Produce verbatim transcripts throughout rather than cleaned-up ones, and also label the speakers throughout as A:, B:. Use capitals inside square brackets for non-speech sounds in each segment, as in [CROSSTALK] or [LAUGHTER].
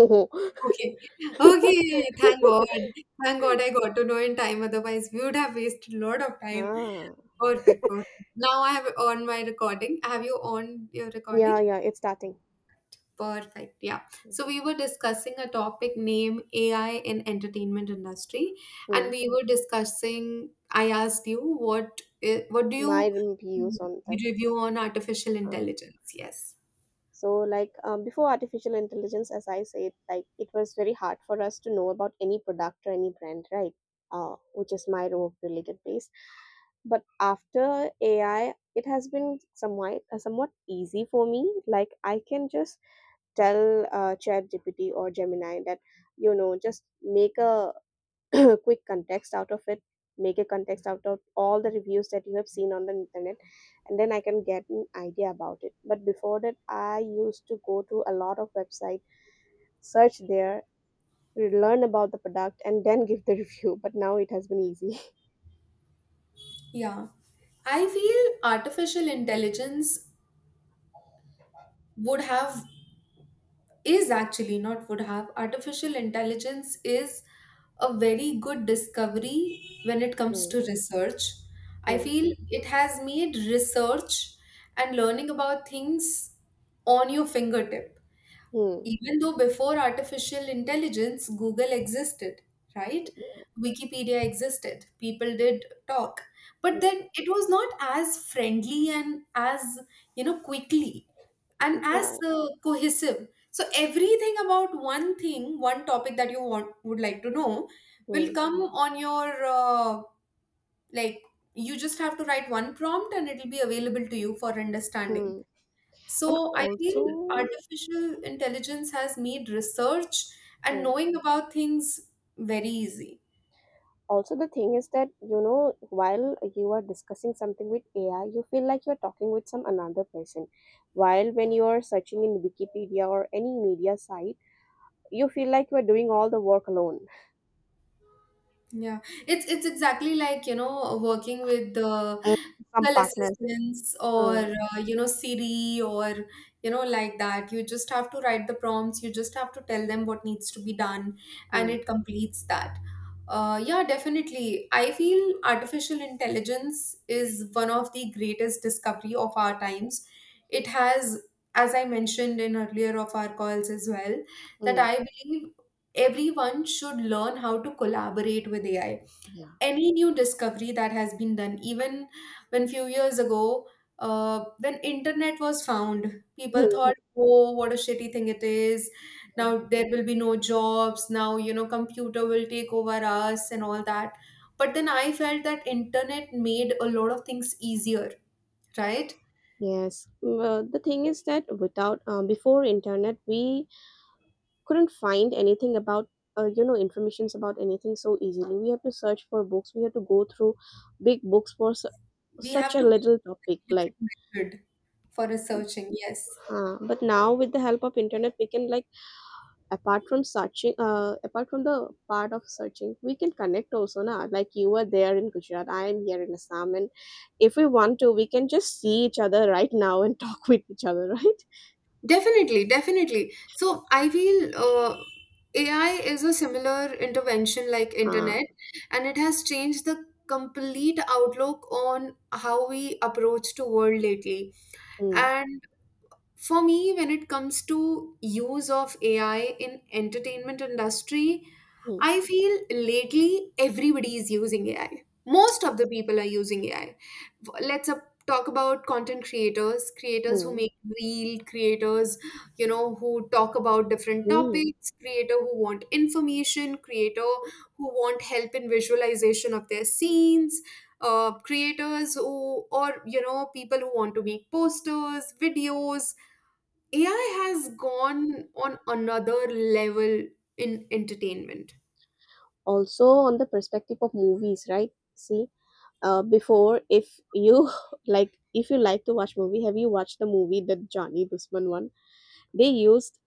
A: Oh, [LAUGHS]
B: Okay. Okay. Thank God. Thank God I got to know in time. Otherwise, we would have wasted a lot of time.
A: Ah,
B: Perfect. Perfect. Now I have on my recording. Have you on your
A: yeah,
B: recording?
A: yeah, it's starting.
B: Perfect. Yeah. So we were discussing a topic named A I in entertainment industry, and
A: Hmm.
B: we were discussing. I asked you what i- what do you
A: my rem- views on that.
B: review on artificial
A: Huh.
B: intelligence? Yes.
A: So, like um, before artificial intelligence, as I said, like it was very hard for us to know about any product or any brand, right? Uh, which is my work related base. But after A I, it has been somewhat uh, somewhat easy for me. Like I can just tell uh, ChatGPT or Gemini that you know just make a [COUGHS] [CLEARS THROAT] quick context out of it. Make a context out of all the reviews that you have seen on the internet, and then I can get an idea about it. But before that, I used to go to a lot of website, search there, learn about the product, and then give the [LAUGHS] review, but now it has been easy. [LAUGHS]
B: Yeah. I feel artificial intelligence would have, is actually not would have. Artificial intelligence is a very good discovery when it comes
A: Mm.
B: to research. I
A: Hmm,
B: feel it has made research and learning about things on your fingertip.
A: hmm,
B: Even though before artificial intelligence, Google existed, right? Wikipedia existed, people did talk, but then it was not as friendly and as, you know quickly, and as
A: yeah,
B: uh, cohesive. So everything about one thing, one topic that you want, would like to know, will
A: hmm,
B: come on your, uh, like you just have to write one prompt and it will be available to you for understanding.
A: hmm. And
B: So I feel
A: also,
B: artificial intelligence has made research and
A: hmm,
B: knowing about things very easy.
A: also the thing is that, you know, while you are discussing something with A I, you feel like you're talking with some another person. While when you are searching in Wikipedia or any media site, you feel like you are doing all the work alone.
B: Yeah, it's it's exactly like, you know, working with the
A: And some
B: Google
A: partners.
B: assistants, or
A: Hmm,
B: uh, you know Siri, or you know like that. You just have to write the prompts. You just have to tell them what needs to be done, and
A: hmm,
B: it completes that. Uh, yeah, definitely. I feel artificial intelligence is one of the greatest discovery of our times. It has, as I mentioned in earlier of our calls as well, that
A: hmm,
B: I believe everyone should learn how to collaborate with A I.
A: yeah.
B: Any new discovery that has been done, even when few years ago, uh, when internet was found, people
A: Mhm.
B: thought, oh, what a shitty thing it is. Now there will be no jobs. Now, you know, computer will take over us and all that. But then I felt that internet made a lot of things easier, right?
A: Yes. Well, the thing is that without um, before internet, we couldn't find anything about uh, you know informations about anything so easily. We have to search for books, we have to go through big books for su-
B: We
A: such
B: have
A: a
B: to be
A: little topic like.
B: different method for researching, yes.
A: Uh, but now with the help of internet, we can like apart from searching, uh, apart from the part of searching, we can connect also now. Like, you are there in Gujarat, I am here in Assam, and if we want to, we can just see each other right now and [LAUGHS] talk with each other, right?
B: Definitely, definitely. So I feel uh, A I is a similar intervention like
A: uh,
B: internet, and it has changed the complete outlook on how we approach to world lately.
A: mm,
B: And for me, when it comes to use of A I in entertainment industry,
A: mm,
B: I feel lately everybody is using A I. Most of the people are using A I. Let's up, talk about content creators, creators who
A: mm,
B: make real creators, you know, who talk about different
A: mm.
B: topics, creator who want information, creator who want help in visualization of their scenes, uh, creators who, or you know, people who want to make posters, videos. A I has gone on another level in entertainment.
A: Also on the perspective of movies, right? See, uh, before, if you [LAUGHS] like if you like to watch movie, have you watched the movie The Johnny Dushman one? They used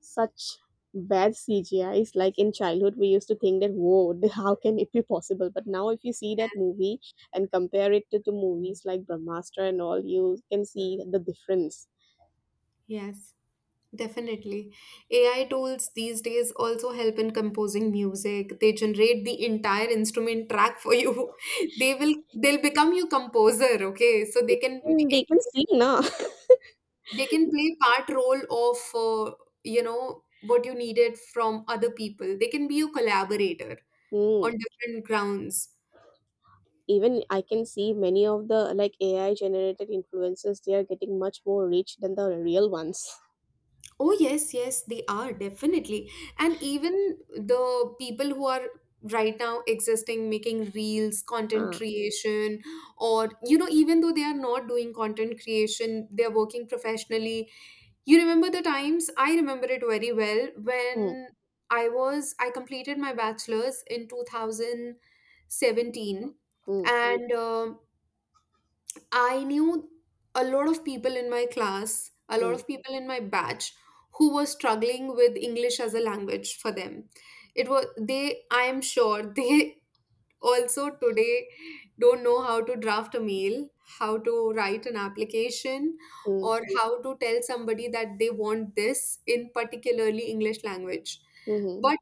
A: such bad C G Is, like in childhood we used to think that whoa, [LAUGHS] how can it be possible? But now if you see that movie and compare it to the movies like Brahmastra and all, you can see the difference.
B: Yes, definitely. A I tools these days also help in composing music. They generate the entire instrument track for you. [LAUGHS] They will they'll become your composer, okay? So they can
A: And they
B: make
A: can see now.
B: they can play part role of uh, you know what you needed from other people. They can be your collaborator on
A: [LAUGHS]
B: different grounds.
A: Even I can see many of the like AI generated influencers. They are getting much more rich than the real ones.
B: Oh, yes, yes, they are definitely. And even the people who are right now existing, making reels, content
A: Huh.
B: creation, or, you know, even though they are not doing content creation, they're working professionally. You remember the times? I remember it very well
A: Mm,
B: when I was, I completed my bachelor's in two thousand seventeen.
A: mm,
B: And um I knew a lot of people in my class, a lot
A: mm,
B: of people in my batch who were struggling with English as a language for them. It was they, I am sure, [LAUGHS] they also today don't know how to draft a mail, how to write an application,
A: mm,
B: or how to tell somebody that they want this in particularly English language.
A: mm-hmm,
B: But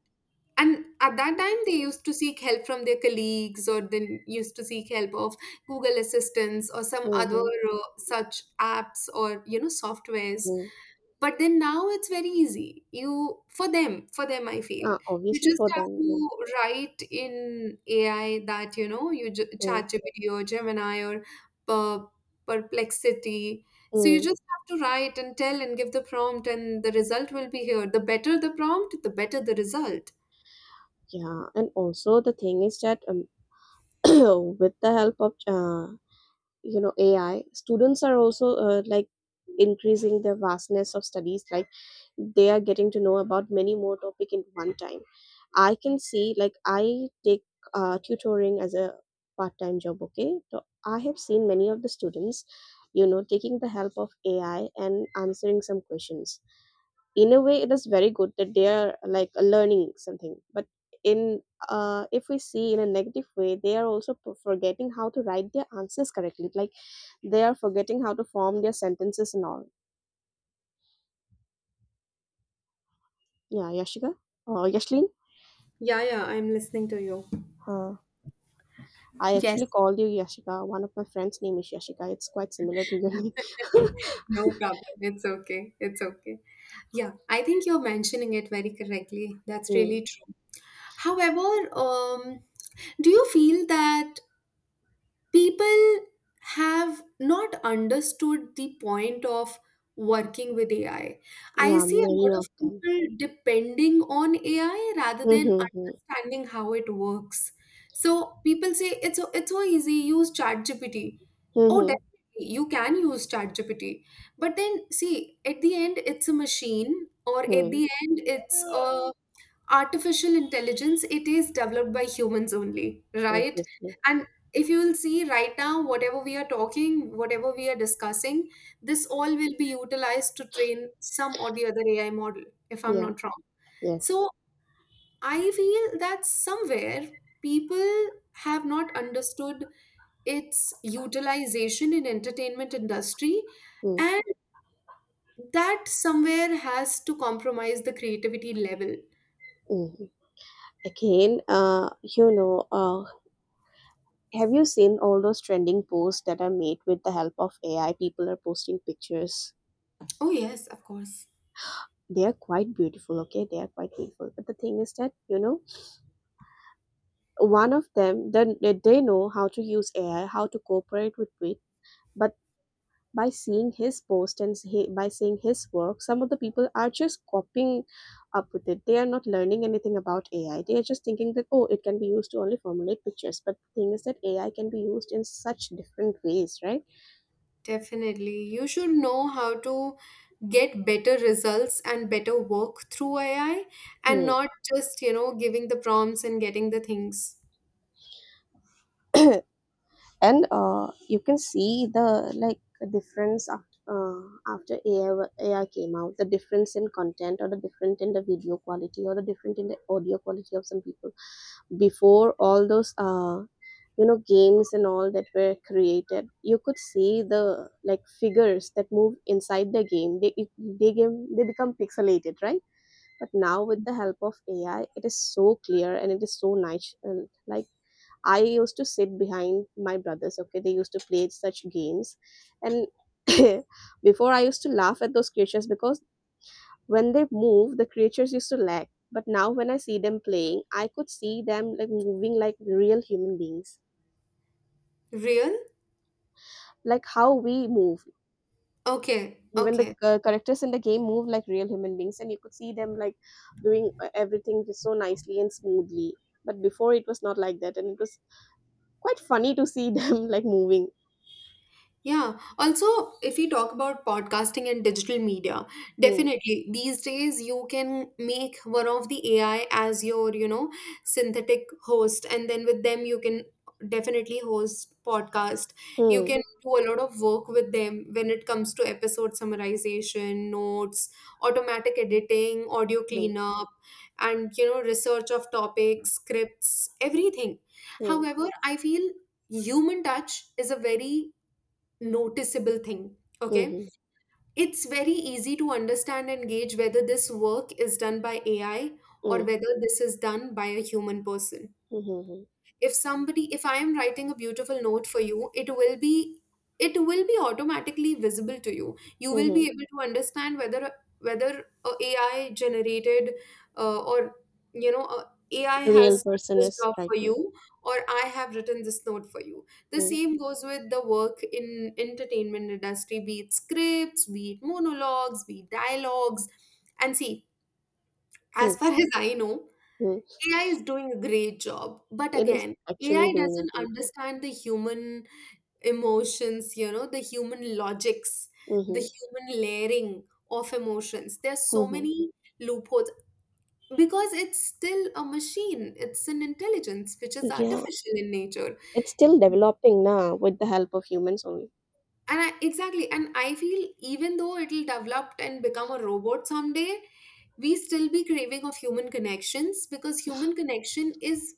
B: and at that time they used to seek help from their colleagues, or they used to seek help of Google assistants or some other
A: mm-hmm,
B: uh, such apps, or you know softwares.
A: mm.
B: But then now it's very easy. You for them for them, I feel,
A: Uh,
B: you
A: obviously
B: just
A: for
B: have
A: them, mm,
B: to write in AI that, you know you j-
A: mm,
B: Chat GPT or Gemini or per- Perplexity. So you
A: mm.
B: just have to write and tell and give the prompt and the result will be here. The better the prompt, the better the result.
A: Yeah, and also the thing is that, um, [COUGHS] [CLEARS THROAT] with the help of, uh, you know AI, students are also, uh, like increasing the vastness of studies. Like, they are getting to know about many more topic in one time. I can see, like, I take uh, tutoring as a part-time job, okay? So I have seen many of the students you know taking the help of AI and answering some questions. In a way, it is very good that they are like learning something, but in uh, if we see in a negative way, they are also p- forgetting how to write their answers correctly. Like, they are forgetting how to form their sentences and all. Yeah, Yashika or Yashlin.
B: Yeah, yeah, I'm listening to you.
A: I
B: Yes.
A: actually called you Yashika. One of my friends' name is Yashika. It's quite similar to your name. [LAUGHS]
B: No problem. It's okay. It's okay. Yeah, I think you're mentioning it very correctly. That's
A: Mm.
B: really true. However, um, do you feel that people have not understood the point of working with AI? I I
A: Yeah,
B: see a
A: many
B: lot
A: of
B: of
A: them.
B: people depending on A I rather than
A: Mm-hmm.
B: understanding how it works. So people say it's so, it's so easy, use ChatGPT. Oh,
A: Mm-hmm.
B: definitely, you can use ChatGPT. But then see, at the end, it's a machine, or at
A: Mm.
B: the end, it's a artificial intelligence. It is developed by humans only, right?
A: Obviously.
B: And if you will see, right now, whatever we are talking, whatever we are discussing, this all will be utilized to train some or the other AI model, if I'm
A: Yeah.
B: not wrong.
A: Yes.
B: So I feel that somewhere people have not understood its utilization in entertainment industry,
A: Mm.
B: and that somewhere has to compromise the creativity level.
A: Mm. Again, uh, you know, uh, have you seen all those trending posts that are made with the help of A I? People are posting pictures.
B: Oh yes, of course.
A: They are quite beautiful, okay? They are quite beautiful. But the thing is that, you know, one of them, then they they know how to use A I, how to cooperate with it, but by seeing his post and he, by seeing his work, some of the people are just copying up with it. They are not learning anything about AI. They are just thinking that oh, it can be used to only formulate pictures, but the thing is that AI can be used in such different ways, right?
B: Definitely. You should know how to get better results and better work through A I, and
A: Hmm.
B: not just, you know, giving the prompts and getting the things.
A: [COUGHS] [CLEARS THROAT] And uh, you can see the like difference after uh, after A I, wa- A I came out, the difference in content or the different in the video quality or the different in the audio quality of some people. Before all those, uh, you know games and all that were created, you could see the like figures that move inside the game, they it- they game they become pixelated, right? But now with the help of AI, it is so clear and it is so nice and like I used to sit behind my brothers. Okay, they used to play such games, and [COUGHS] [CLEARS THROAT] before I used to laugh at those creatures because when they move, the creatures used to lag. But now when I see them playing, I could see them like moving like real human beings.
B: Real?
A: Like how we move.
B: Okay.
A: Even the
B: Okay.
A: uh, characters in the game move like real human beings, and you could see them like doing uh, everything just so nicely and smoothly, but before it was not like that, and it was quite funny to see [LAUGHS] them like moving.
B: Yeah. Also, if we talk about podcasting and digital media,
A: Hmm,
B: definitely these days you can make one of the A I as your, you know, synthetic host, and then with them you can definitely host podcast. You
A: hmm,
B: can do a lot of work with them when it comes to episode summarization, notes, automatic editing, audio
A: hmm,
B: cleanup, and, you know, research of topics, scripts, everything.
A: hmm,
B: However, I feel human touch is a very noticeable thing.
A: hmm,
B: Okay.
A: hmm,
B: It's very easy to understand and gauge whether this work is done by A I or
A: hmm,
B: whether this is done by a human person.
A: hmm, hmm,
B: If somebody if I am writing a beautiful note for you, it will be it will be automatically visible to you. You
A: hmm,
B: will be
A: hmm.
B: able to understand whether, whether a AI generated, uh, or, you know a AI
A: A
B: has
A: real
B: done
A: person
B: this
A: is
B: job for you,
A: striking.
B: or I have written this note for you. The
A: Hmm,
B: same goes with the work in entertainment industry, be it scripts, be it monologues, be it dialogues. And see, as
A: hmm,
B: far [LAUGHS] as I know,
A: hmm.
B: A I is doing a great job, but
A: It is
B: again, A I
A: actually doing
B: doesn't
A: in nature.
B: understand the human emotions, you know, the human logics, the
A: Mm-hmm,
B: human layering of emotions. There's so
A: mm-hmm.
B: many loopholes because it's still a machine, it's an intelligence which is
A: Yeah,
B: artificial in nature.
A: it's still developing now with the help of humans only.
B: And I, exactly, and I feel even though it'll develop and become a robot someday, we still be craving of human connections, because human connection is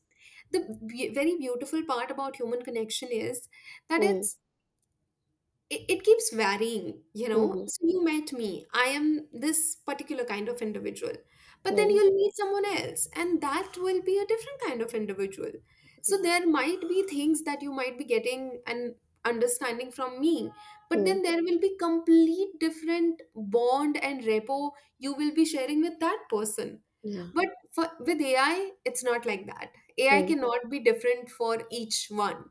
B: the be- very beautiful part about human connection is that
A: Mm-hmm,
B: it's it, it keeps varying, you know
A: mm-hmm.
B: so you met me, I am this particular kind of individual, but then you'll meet someone else and that will be a different kind of individual. So
A: Yeah,
B: there might be things that you might be getting and understanding from me, but
A: mm,
B: then there will be complete different bond and repo you will be sharing with that person.
A: yeah.
B: But for, with AI it's not like that. AI
A: Hmm.
B: cannot be different for each one,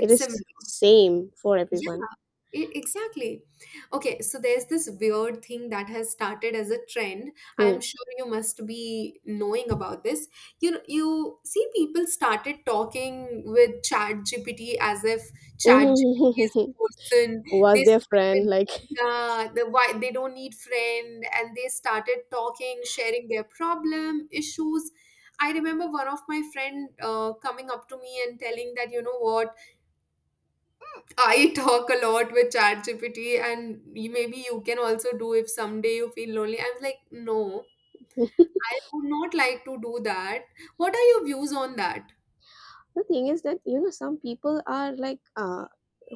A: It is
B: similar.
A: same for everyone.
B: E- Exactly. Okay, so there's this weird thing that has started as a trend.
A: Hmm.
B: I'm sure you must be knowing about this. You know, you see people started talking with Chat G P T as if Chat G P T is a
A: [LAUGHS]
B: person.
A: Was
B: They
A: their friend
B: started,
A: like?
B: yeah, the why they don't need friend, and they started talking, sharing their problem, issues. I remember one of my friend uh, coming up to me and telling that, you know what, I talk a lot with ChatGPT, and y- maybe you can also do if someday you feel lonely. I was like, no,
A: [LAUGHS]
B: I would not like to do that. What are your views on that?
A: The thing is that, you know some people are like, uh,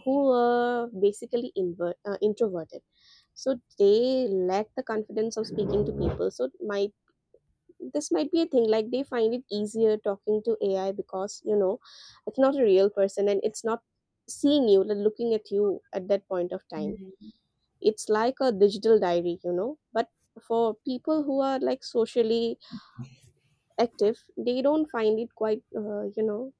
A: who are basically, invert, uh, introverted, so they lack the confidence of speaking to people, so might this might be a thing. Like, they find it easier talking to AI because, you know, it's not a real person, and it's not seeing you like looking at you at that point of time.
B: Mhm.
A: It's like a digital diary you know But for people who are like socially active, they don't find it quite uh, you know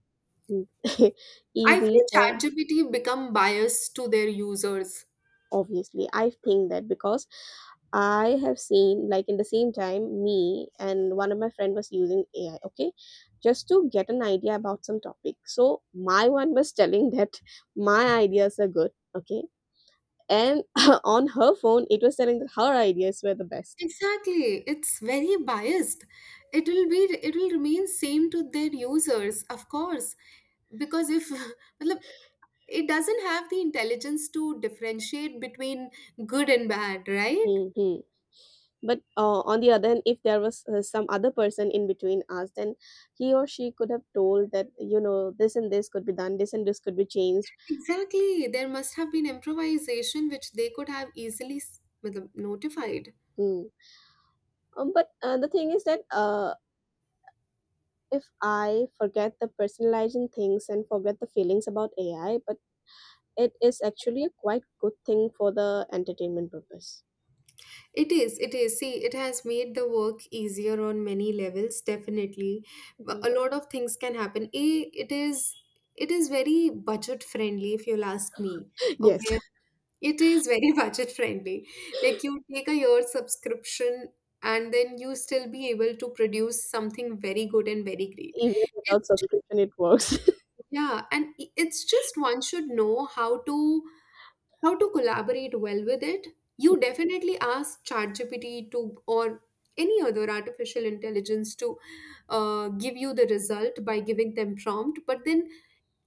A: [LAUGHS]
B: I
A: easy
B: feel
A: for.
B: ChatGPT become biased to their users.
A: Obviously, I think that because I have seen like in the same time, me and one of my friend was using AI, okay? Just to get an idea about some topic, so my one was telling that [LAUGHS] my ideas are good, okay? And [LAUGHS] on her phone, it was telling that her ideas were the best.
B: Exactly, it's very biased. It will be, it will remain same to their users, of course, because if, [LAUGHS] matlab, it doesn't have the intelligence to differentiate between good and bad, right?
A: Hmm. But, uh, on the other hand, if there was, uh, some other person in between us, then he or she could have told that, you know, this and this could be done, this and this could be changed.
B: Exactly. There must have been improvisation which they could have easily s- matlab, notified.
A: Mm. Um, but uh, the thing is that, uh, if I forget the personalizing things and forget the feelings about A I, but it is actually a quite good thing for the entertainment purpose.
B: It is, it is. See, it has made the work easier on many levels, definitely. But
A: Mhm.
B: A lot of things can happen. A, it is it is very budget friendly if you'll ask me.
A: [LAUGHS] Yes,
B: Okay. It is very [LAUGHS] budget friendly. Like you take a year subscription and then you still be able to produce something very good and very great.
A: even without
B: It's
A: subscription, it works. [LAUGHS]
B: Yeah, and i- it's just one should know how to, how to collaborate well with it. You definitely ask ChatGPT to or any other artificial intelligence to uh, give you the result by giving them prompt, but then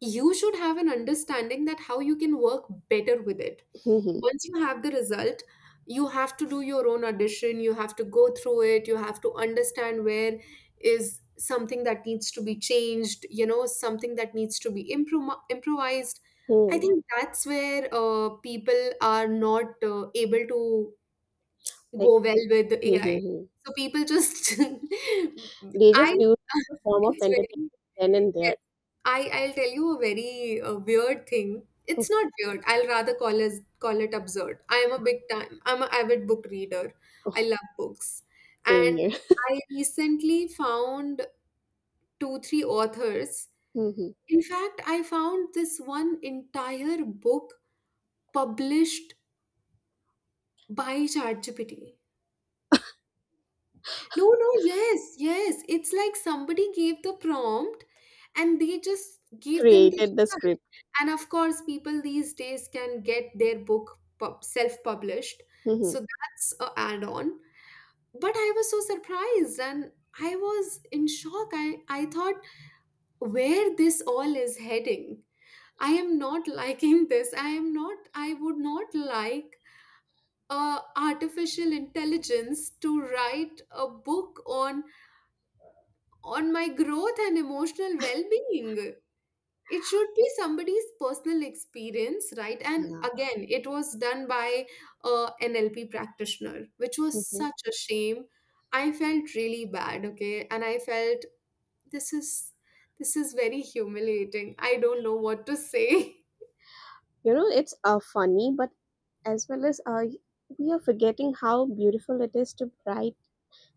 B: you should have an understanding that how you can work better with it.
A: Mhm.
B: Once you have the result, you have to do your own audition. You have to go through it. You have to understand where is something that needs to be changed, you know, something that needs to be improm- improvised. I
A: Hmm.
B: think that's where uh, people are not uh, able to
A: Like,
B: go well with the AI.
A: [LAUGHS]
B: So people just
A: They
B: [LAUGHS]
A: just
B: I
A: use it as a
B: [LAUGHS]
A: form of
B: it's
A: entertainment
B: very.
A: then and there.
B: Yes. I, I'll tell you a very uh, weird thing.
A: Oh,
B: It's not weird. I'll rather call it, call it absurd. I am a big time, I'm an avid book reader. I love books.
A: same
B: And
A: here.
B: I recently found two, three authors.
A: [LAUGHS] Hmm.
B: In fact, I found this one entire book published by ChatGPT. No, no, yes, yes. It's like somebody gave the prompt and they just gave them the
A: Created the
B: result.
A: script.
B: And of course, people these days can get their book pub- self-published.
A: Hmm.
B: So that's a add-on. But I was so surprised and I was in shock. I, I thought where this all is heading. I am not [LAUGHS] liking this. I am not, I would not like uh, artificial intelligence to write a book on on my growth and emotional well being. It should be somebody's personal experience, right? And
A: Yeah.
B: again, it was done by a N L P practitioner, which
A: Hmm,
B: was
A: hmm.
B: such a shame. I felt really bad, okay? And I felt this is this is very humiliating. I don't know what to say.
A: You know, it's uh, funny, but as well as uh, we are forgetting how beautiful it is to write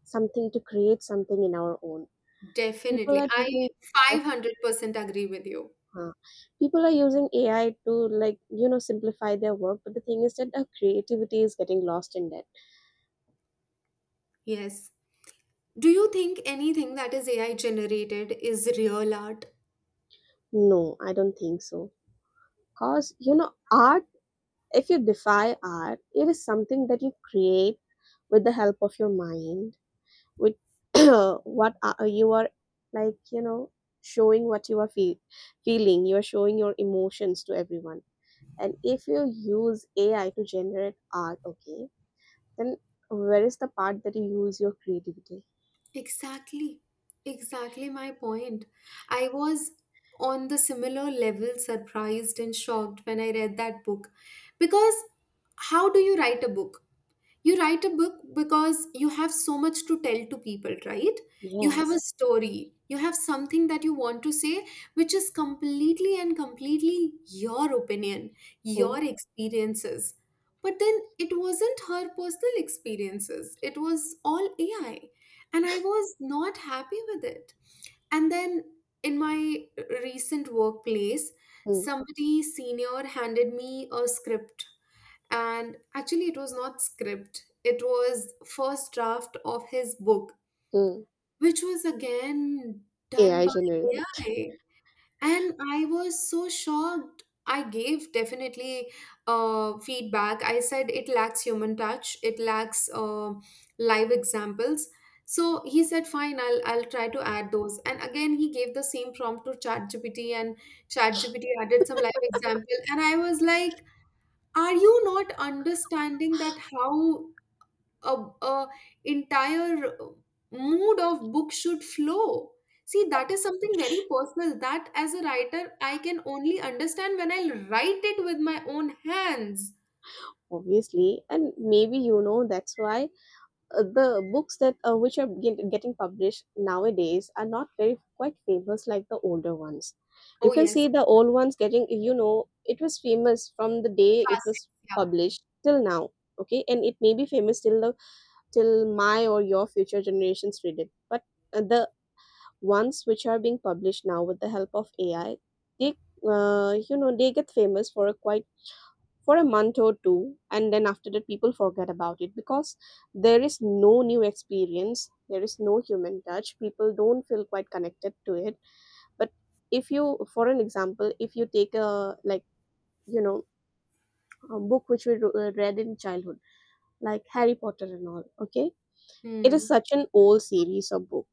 A: something, to create something in our own.
B: [LAUGHS]
A: People
B: Definitely.
A: are
B: I
A: taking of.
B: five hundred percent agree with you.
A: Huh. People are using A I to like you know simplify their work, but the thing is that our creativity is getting lost in that.
B: Yes. Do you think anything that is A I generated is real art?
A: No, I don't think so. Cause you know art. If you defy art, it is something that you create with the help of your mind, with [CLEARS THROAT] what are, you are like, you know, showing what you are feel, feeling. You are showing your emotions to everyone. And if you use A I to generate art, okay, then where is the part that you use your creativity?
B: Exactly, exactly my point. I was on the similar level surprised and shocked when I read that book, because how do you write a book? You write a book because you have so much to tell to people, right? You have a
A: Yes.
B: story, you have something that you want to say, which is completely and completely your opinion, your
A: Mm,
B: experiences. But then it wasn't her personal experiences, it was all AI, and I was not happy with it. And then in my recent workplace,
A: mm,
B: somebody senior handed me a script, and actually it was not script, it was first draft of his book,
A: mm.
B: which was again done
A: A I
B: by
A: generated,
B: AI. And I was so shocked. I gave definitely uh, feedback. I said it lacks human touch, it lacks uh, live examples. So he said fine, i'll i'll try to add those. And again he gave the same prompt to ChatGPT, and ChatGPT added some live example, and I was like, are you not understanding that how a, a entire mood of book should flow? See, that is something very personal, that as a writer I can only understand when I write it with my own hands.
A: obviously. And maybe you know that's why uh, the books, that uh, which are get, getting published nowadays, are not very quite famous like the older ones. You
B: Oh
A: can
B: yes.
A: see the old ones getting, you know it was famous from the day it
B: Classic.
A: was
B: Yeah.
A: published till now, okay? And it may be famous till the till my or your future generations read it, but uh, the ones which are being published now with the help of AI, they uh, you know they get famous for a quite for a month or two, and then after that people forget about it because there is no new experience, there is no human touch, people don't feel quite connected to it. But if you for an example, if you take a like you know a book which we ro- uh, read in childhood like Harry Potter and all, okay. It is
B: Hmm.
A: such an old series of book,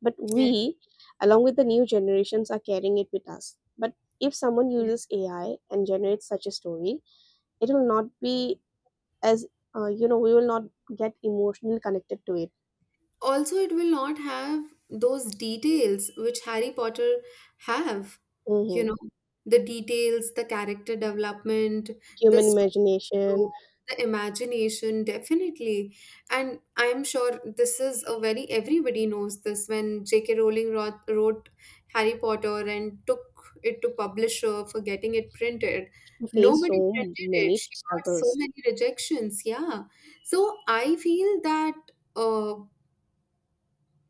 A: but
B: Yes,
A: we along with the new generations are carrying it with us. But if someone uses
B: yes.
A: AI and generates such a story, it will not be as uh, you know we will not get emotionally connected to it.
B: Also it will not have those details which Harry Potter have, you
A: Hmm,
B: know, the details, the character development, the
A: human
B: story. True.
A: imagination,
B: The imagination, definitely. And I'm sure this is a very, everybody knows this when J K. Rowling wrote, wrote Harry Potter and took it to publisher for getting it printed.
A: face
B: Nobody
A: so
B: printed it.
A: many
B: She got so
A: struggles.
B: many rejections. Yeah. So I feel that. Uh,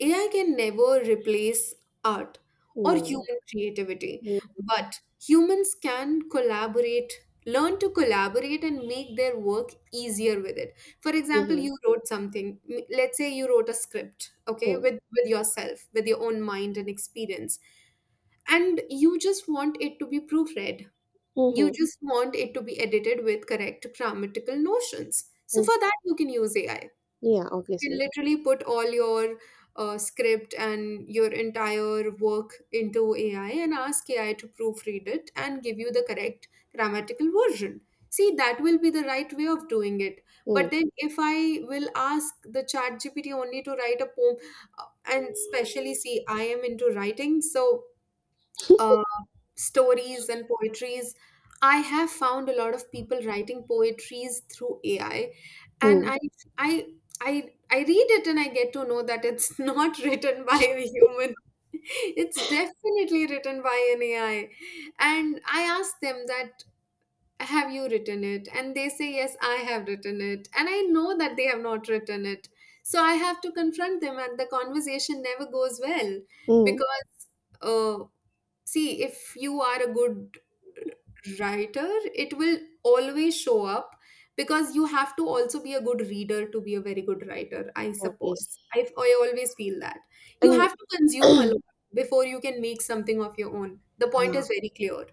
B: A I can never replace art or
A: No, no.
B: human creativity, but humans can collaborate, learn to collaborate and make their work easier with it. For example,
A: Mm-hmm.
B: you wrote something, m- let's say you wrote a script, okay,
A: Hmm,
B: with, with yourself, with your own mind and experience, and you just want it to be proofread. You
A: hmm,
B: just want it to be edited with correct grammatical notions. So
A: hmm.
B: for that, you can use A I, can
A: Yeah, obviously.
B: literally put all your uh, script and your entire work into A I and ask A I to proofread it and give you the correct grammatical version. See, that will be the right way of doing it.
A: Mm,
B: But then, if I will ask the chat G P T only to write a poem, uh, and especially see, I am into writing, so uh, stories and poetries. I have found a lot of people writing poetries through A I, and
A: mm,
B: I I I I read it and I get to know that it's [LAUGHS] not written by a human. It's definitely written by an A I. And I asked them that have you written it, and they say yes I have written it, and I know that they have not written it. So I have to confront them, and the conversation never goes well,
A: mm.
B: because uh, see, if you are a good writer, it will always show up, because you have to also be a good reader to be a very good writer, I
A: Obviously.
B: suppose. i, I always feel that you
A: And
B: have to consume a
A: [CLEARS THROAT]
B: lot before you can make something of your own. The point
A: yeah,
B: is very clear.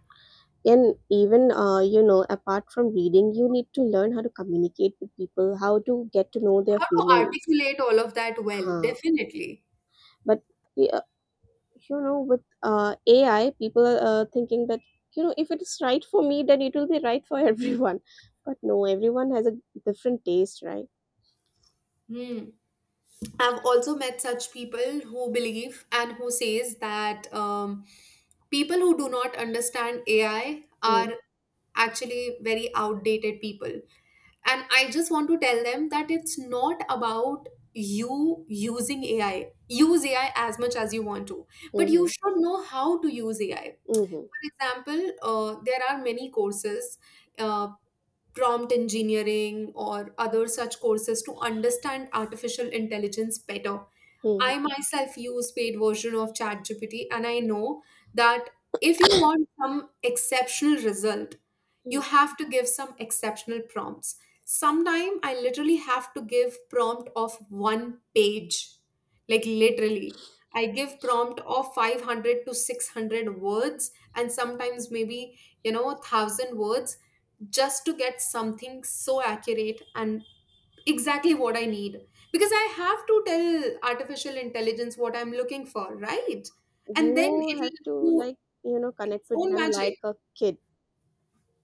A: and even, uh, you know apart from reading, you need to learn how to communicate with people, how to get to know their
B: How to
A: feelings.
B: articulate all of that well,
A: Huh.
B: definitely.
A: But yeah, you know with uh, AI people are uh, thinking that, you know if it is right for me, then it will be right for [LAUGHS] everyone. But no, everyone has a different taste, right?
B: Hmm. I've also met such people who believe and who says that um, people who do not understand A I
A: Mm-hmm,
B: are actually very outdated people. And I just want to tell them that it's not about you using A I. Use A I as much as you want to, but you
A: mm-hmm,
B: should know how to use A I.
A: mm-hmm.
B: For example, uh, there are many courses. uh, Prompt engineering or other such courses to understand artificial intelligence better.
A: Mm-hmm,
B: I myself use paid version of ChatGPT and I know that if you want some exceptional result, you
A: mm-hmm.
B: have to give some exceptional prompts. Sometime I literally have to give prompt of one page. Like literally. I give prompt of five hundred to six hundred words and sometimes maybe, you know, a thousand words just to get something so accurate and exactly what I need. Because I have to tell artificial intelligence what I'm looking for, right? And
A: You
B: then
A: have
B: it'll
A: to
B: do
A: like you know connect
B: its
A: with
B: own
A: them like
B: magic.
A: a kid.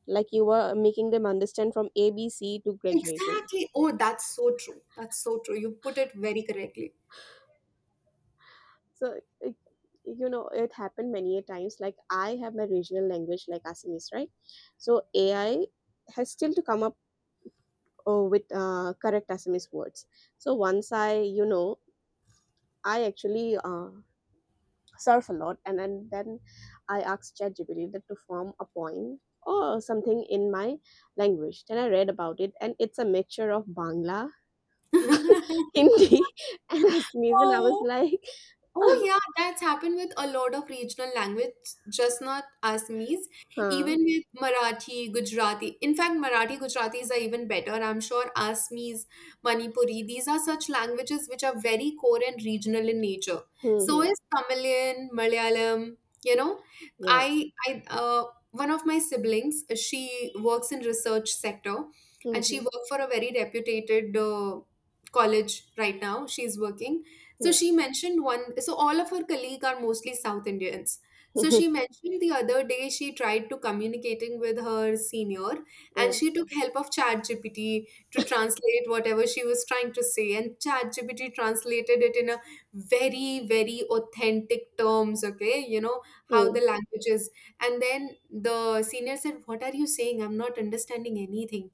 A: Like, you are making them understand from a b c to graduating.
B: Exactly. Oh, that's so true. That's so true. You put it very correctly.
A: So it, you know it happened many a times. Like, I have my regional language like Assamese, right? So AI has still to come up uh, with uh, correct Assamese words. So once I you know I actually uh, surf a lot, and, and then I asked ChatGPT that to form a poem or something in my language. Then I read about it, and it's a mixture of Bangla [LAUGHS]
B: [LAUGHS]
A: Hindi and Assamese, and I was
B: Oh,
A: like.
B: oh
A: [LAUGHS]
B: yeah, that's happened with a lot of regional language, just not Assamese,
A: Huh,
B: even with Marathi, Gujarati. In fact, Marathi, Gujaratis are even better. I'm sure Assamese, Manipuri, these are such languages which are very core and regional in nature.
A: hmm,
B: So
A: hmm,
B: is Tamilian, Malayalam, you know.
A: yes,
B: I I uh, one of my siblings, she works in research sector, and
A: hmm,
B: she worked for a very reputed uh, college. Right now she's working, so
A: hmm,
B: she mentioned one, so all of her colleague are mostly South Indians. So
A: hmm. [LAUGHS]
B: she mentioned the other day she tried to communicating with her senior, and
A: Mm,
B: she took help of ChatGPT to translate whatever she was trying to say, and ChatGPT translated it in a very very authentic terms, okay, you know, how
A: mm.
B: the language is. And then the senior said, what are you saying, I'm not understanding anything.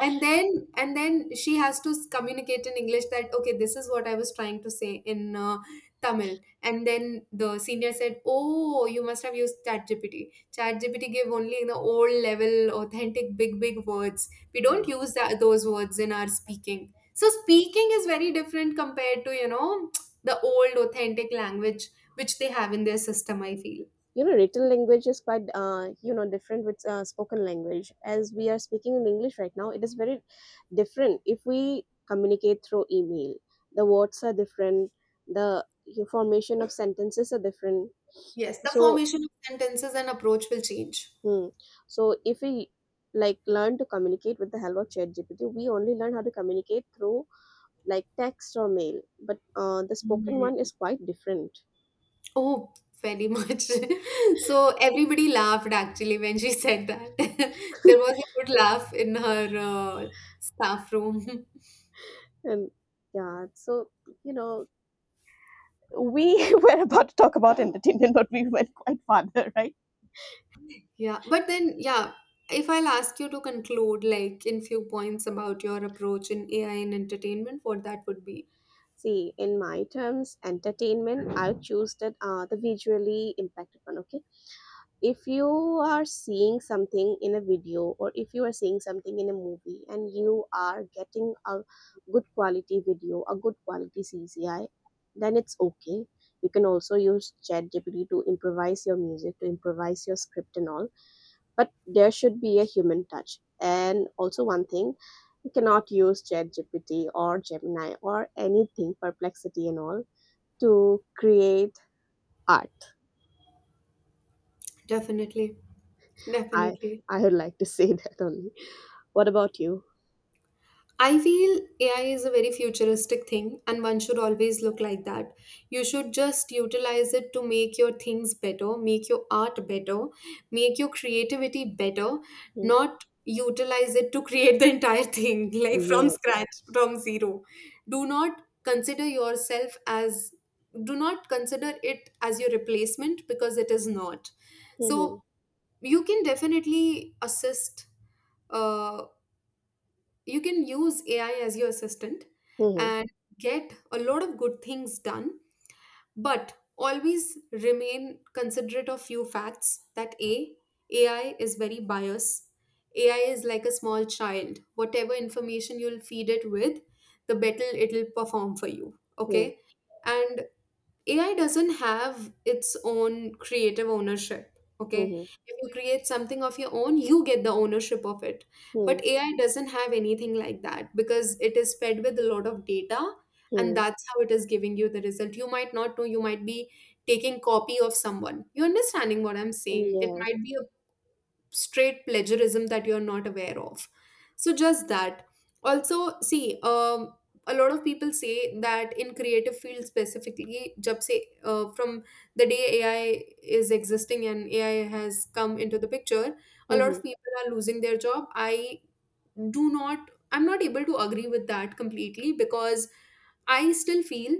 B: And then and then she has to s- communicate in English that okay, this is what I was trying to say in uh, Tamil. And then the senior said, oh, you must have used ChatGPT. ChatGPT gave only the old level authentic big big words. We don't
A: Hmm.
B: use that those words in our speaking. So speaking is very different compared to, you know, [TSK] the old authentic language which they have in their system, I feel.
A: You know, written language is quite, uh, you know, different with uh, spoken language. As we are speaking in English right now, it is very different. If we communicate through email, the words are different, the formation of sentences are different.
B: Yes, the
A: So,
B: formation of sentences and approach will change.
A: hmm, so if we like learn to communicate with the help of ChatGPT, we only learn how to communicate through like text or mail. But uh, the spoken one
B: Mm.
A: is quite different,
B: Oh, very much. [LAUGHS] So everybody laughed actually when she said that. [LAUGHS] There
A: [LAUGHS]
B: was a good laugh in her uh, staff room. [LAUGHS]
A: and yeah, so you know we [LAUGHS] were about to talk about entertainment, but we went quite farther, [LAUGHS] right?
B: Yeah, but then, yeah, if I'll ask you to conclude, like in few points about your approach in A I and entertainment, what that would be.
A: See, in my terms, entertainment, I'll choose that, uh, the visually impacted one, okay? If you are seeing something in a video or if you are seeing something in a movie and you are getting a good quality video, a good quality C G I, then it's okay. You can also use ChatGPT to improvise your music, to improvise your script and all, but there should be a human touch. And also one thing, you cannot use ChatGPT or Gemini or anything, Perplexity and all, to create art.
B: Definitely,
A: I
B: definitely.
A: I would like to [LAUGHS] say that only. What about you?
B: I feel A I is a very futuristic thing and one should always look like that. You should just utilize it to make your things better, make your art better, make your creativity better, not utilize it to create [LAUGHS] the entire thing [LAUGHS] like
A: Mm,
B: from
A: yeah.
B: scratch, from zero. Do not consider yourself as, do not consider it as your replacement, because it is not.
A: Mhm,
B: So you can definitely assist, uh, you can use A I as your assistant
A: mhm,
B: and get a lot of good things done, but always remain considerate of few facts that A, AI is very biased. A I is like a small child. Whatever information you'll feed it with, the better it'll perform for you.
A: mhm,
B: Okay. And A I doesn't have its own creative ownership. Okay.
A: mhm,
B: If you create something of your own, you get the ownership of it.
A: mhm,
B: But A I doesn't have anything like that because it is fed with a lot of data, and
A: mhm.
B: that's how it is giving you the result. You might not know, you might be taking copy of someone. You understanding what I'm saying? It
A: Yes.
B: might be a straight plagiarism that you're not aware of. So, just that. Also, see, um, a lot of people say that in creative fields specifically, jab se, uh, from the day A I is existing and A I has come into the picture, a lot
A: Mhm,
B: of people are losing their job. I do not, I'm not able to agree with that completely, because I still feel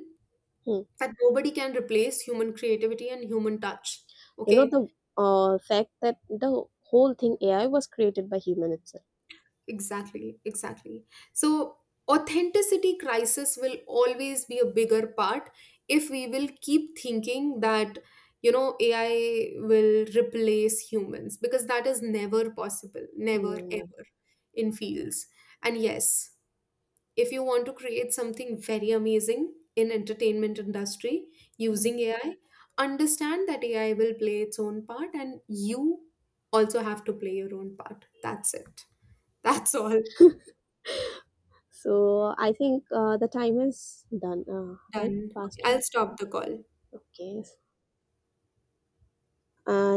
A: mhm.
B: that nobody can replace human creativity and human touch.
A: You know
B: Okay.
A: the, uh, fact that the whole thing A I was created by human itself.
B: Exactly, exactly. So, authenticity crisis will always be a bigger part if we will keep thinking that, you know, A I will replace humans, because that is never possible, never
A: Mm,
B: ever in fields. And yes, if you want to create something very amazing in entertainment industry
A: mm.
B: using A I, understand that A I will play its own part and you also have to play your own part. That's it. That's all.
A: [LAUGHS] So I think, uh, the time is done, uh, right?
B: Done.
A: Past
B: Okay, I'll
A: time.
B: stop the call.
A: Okay. I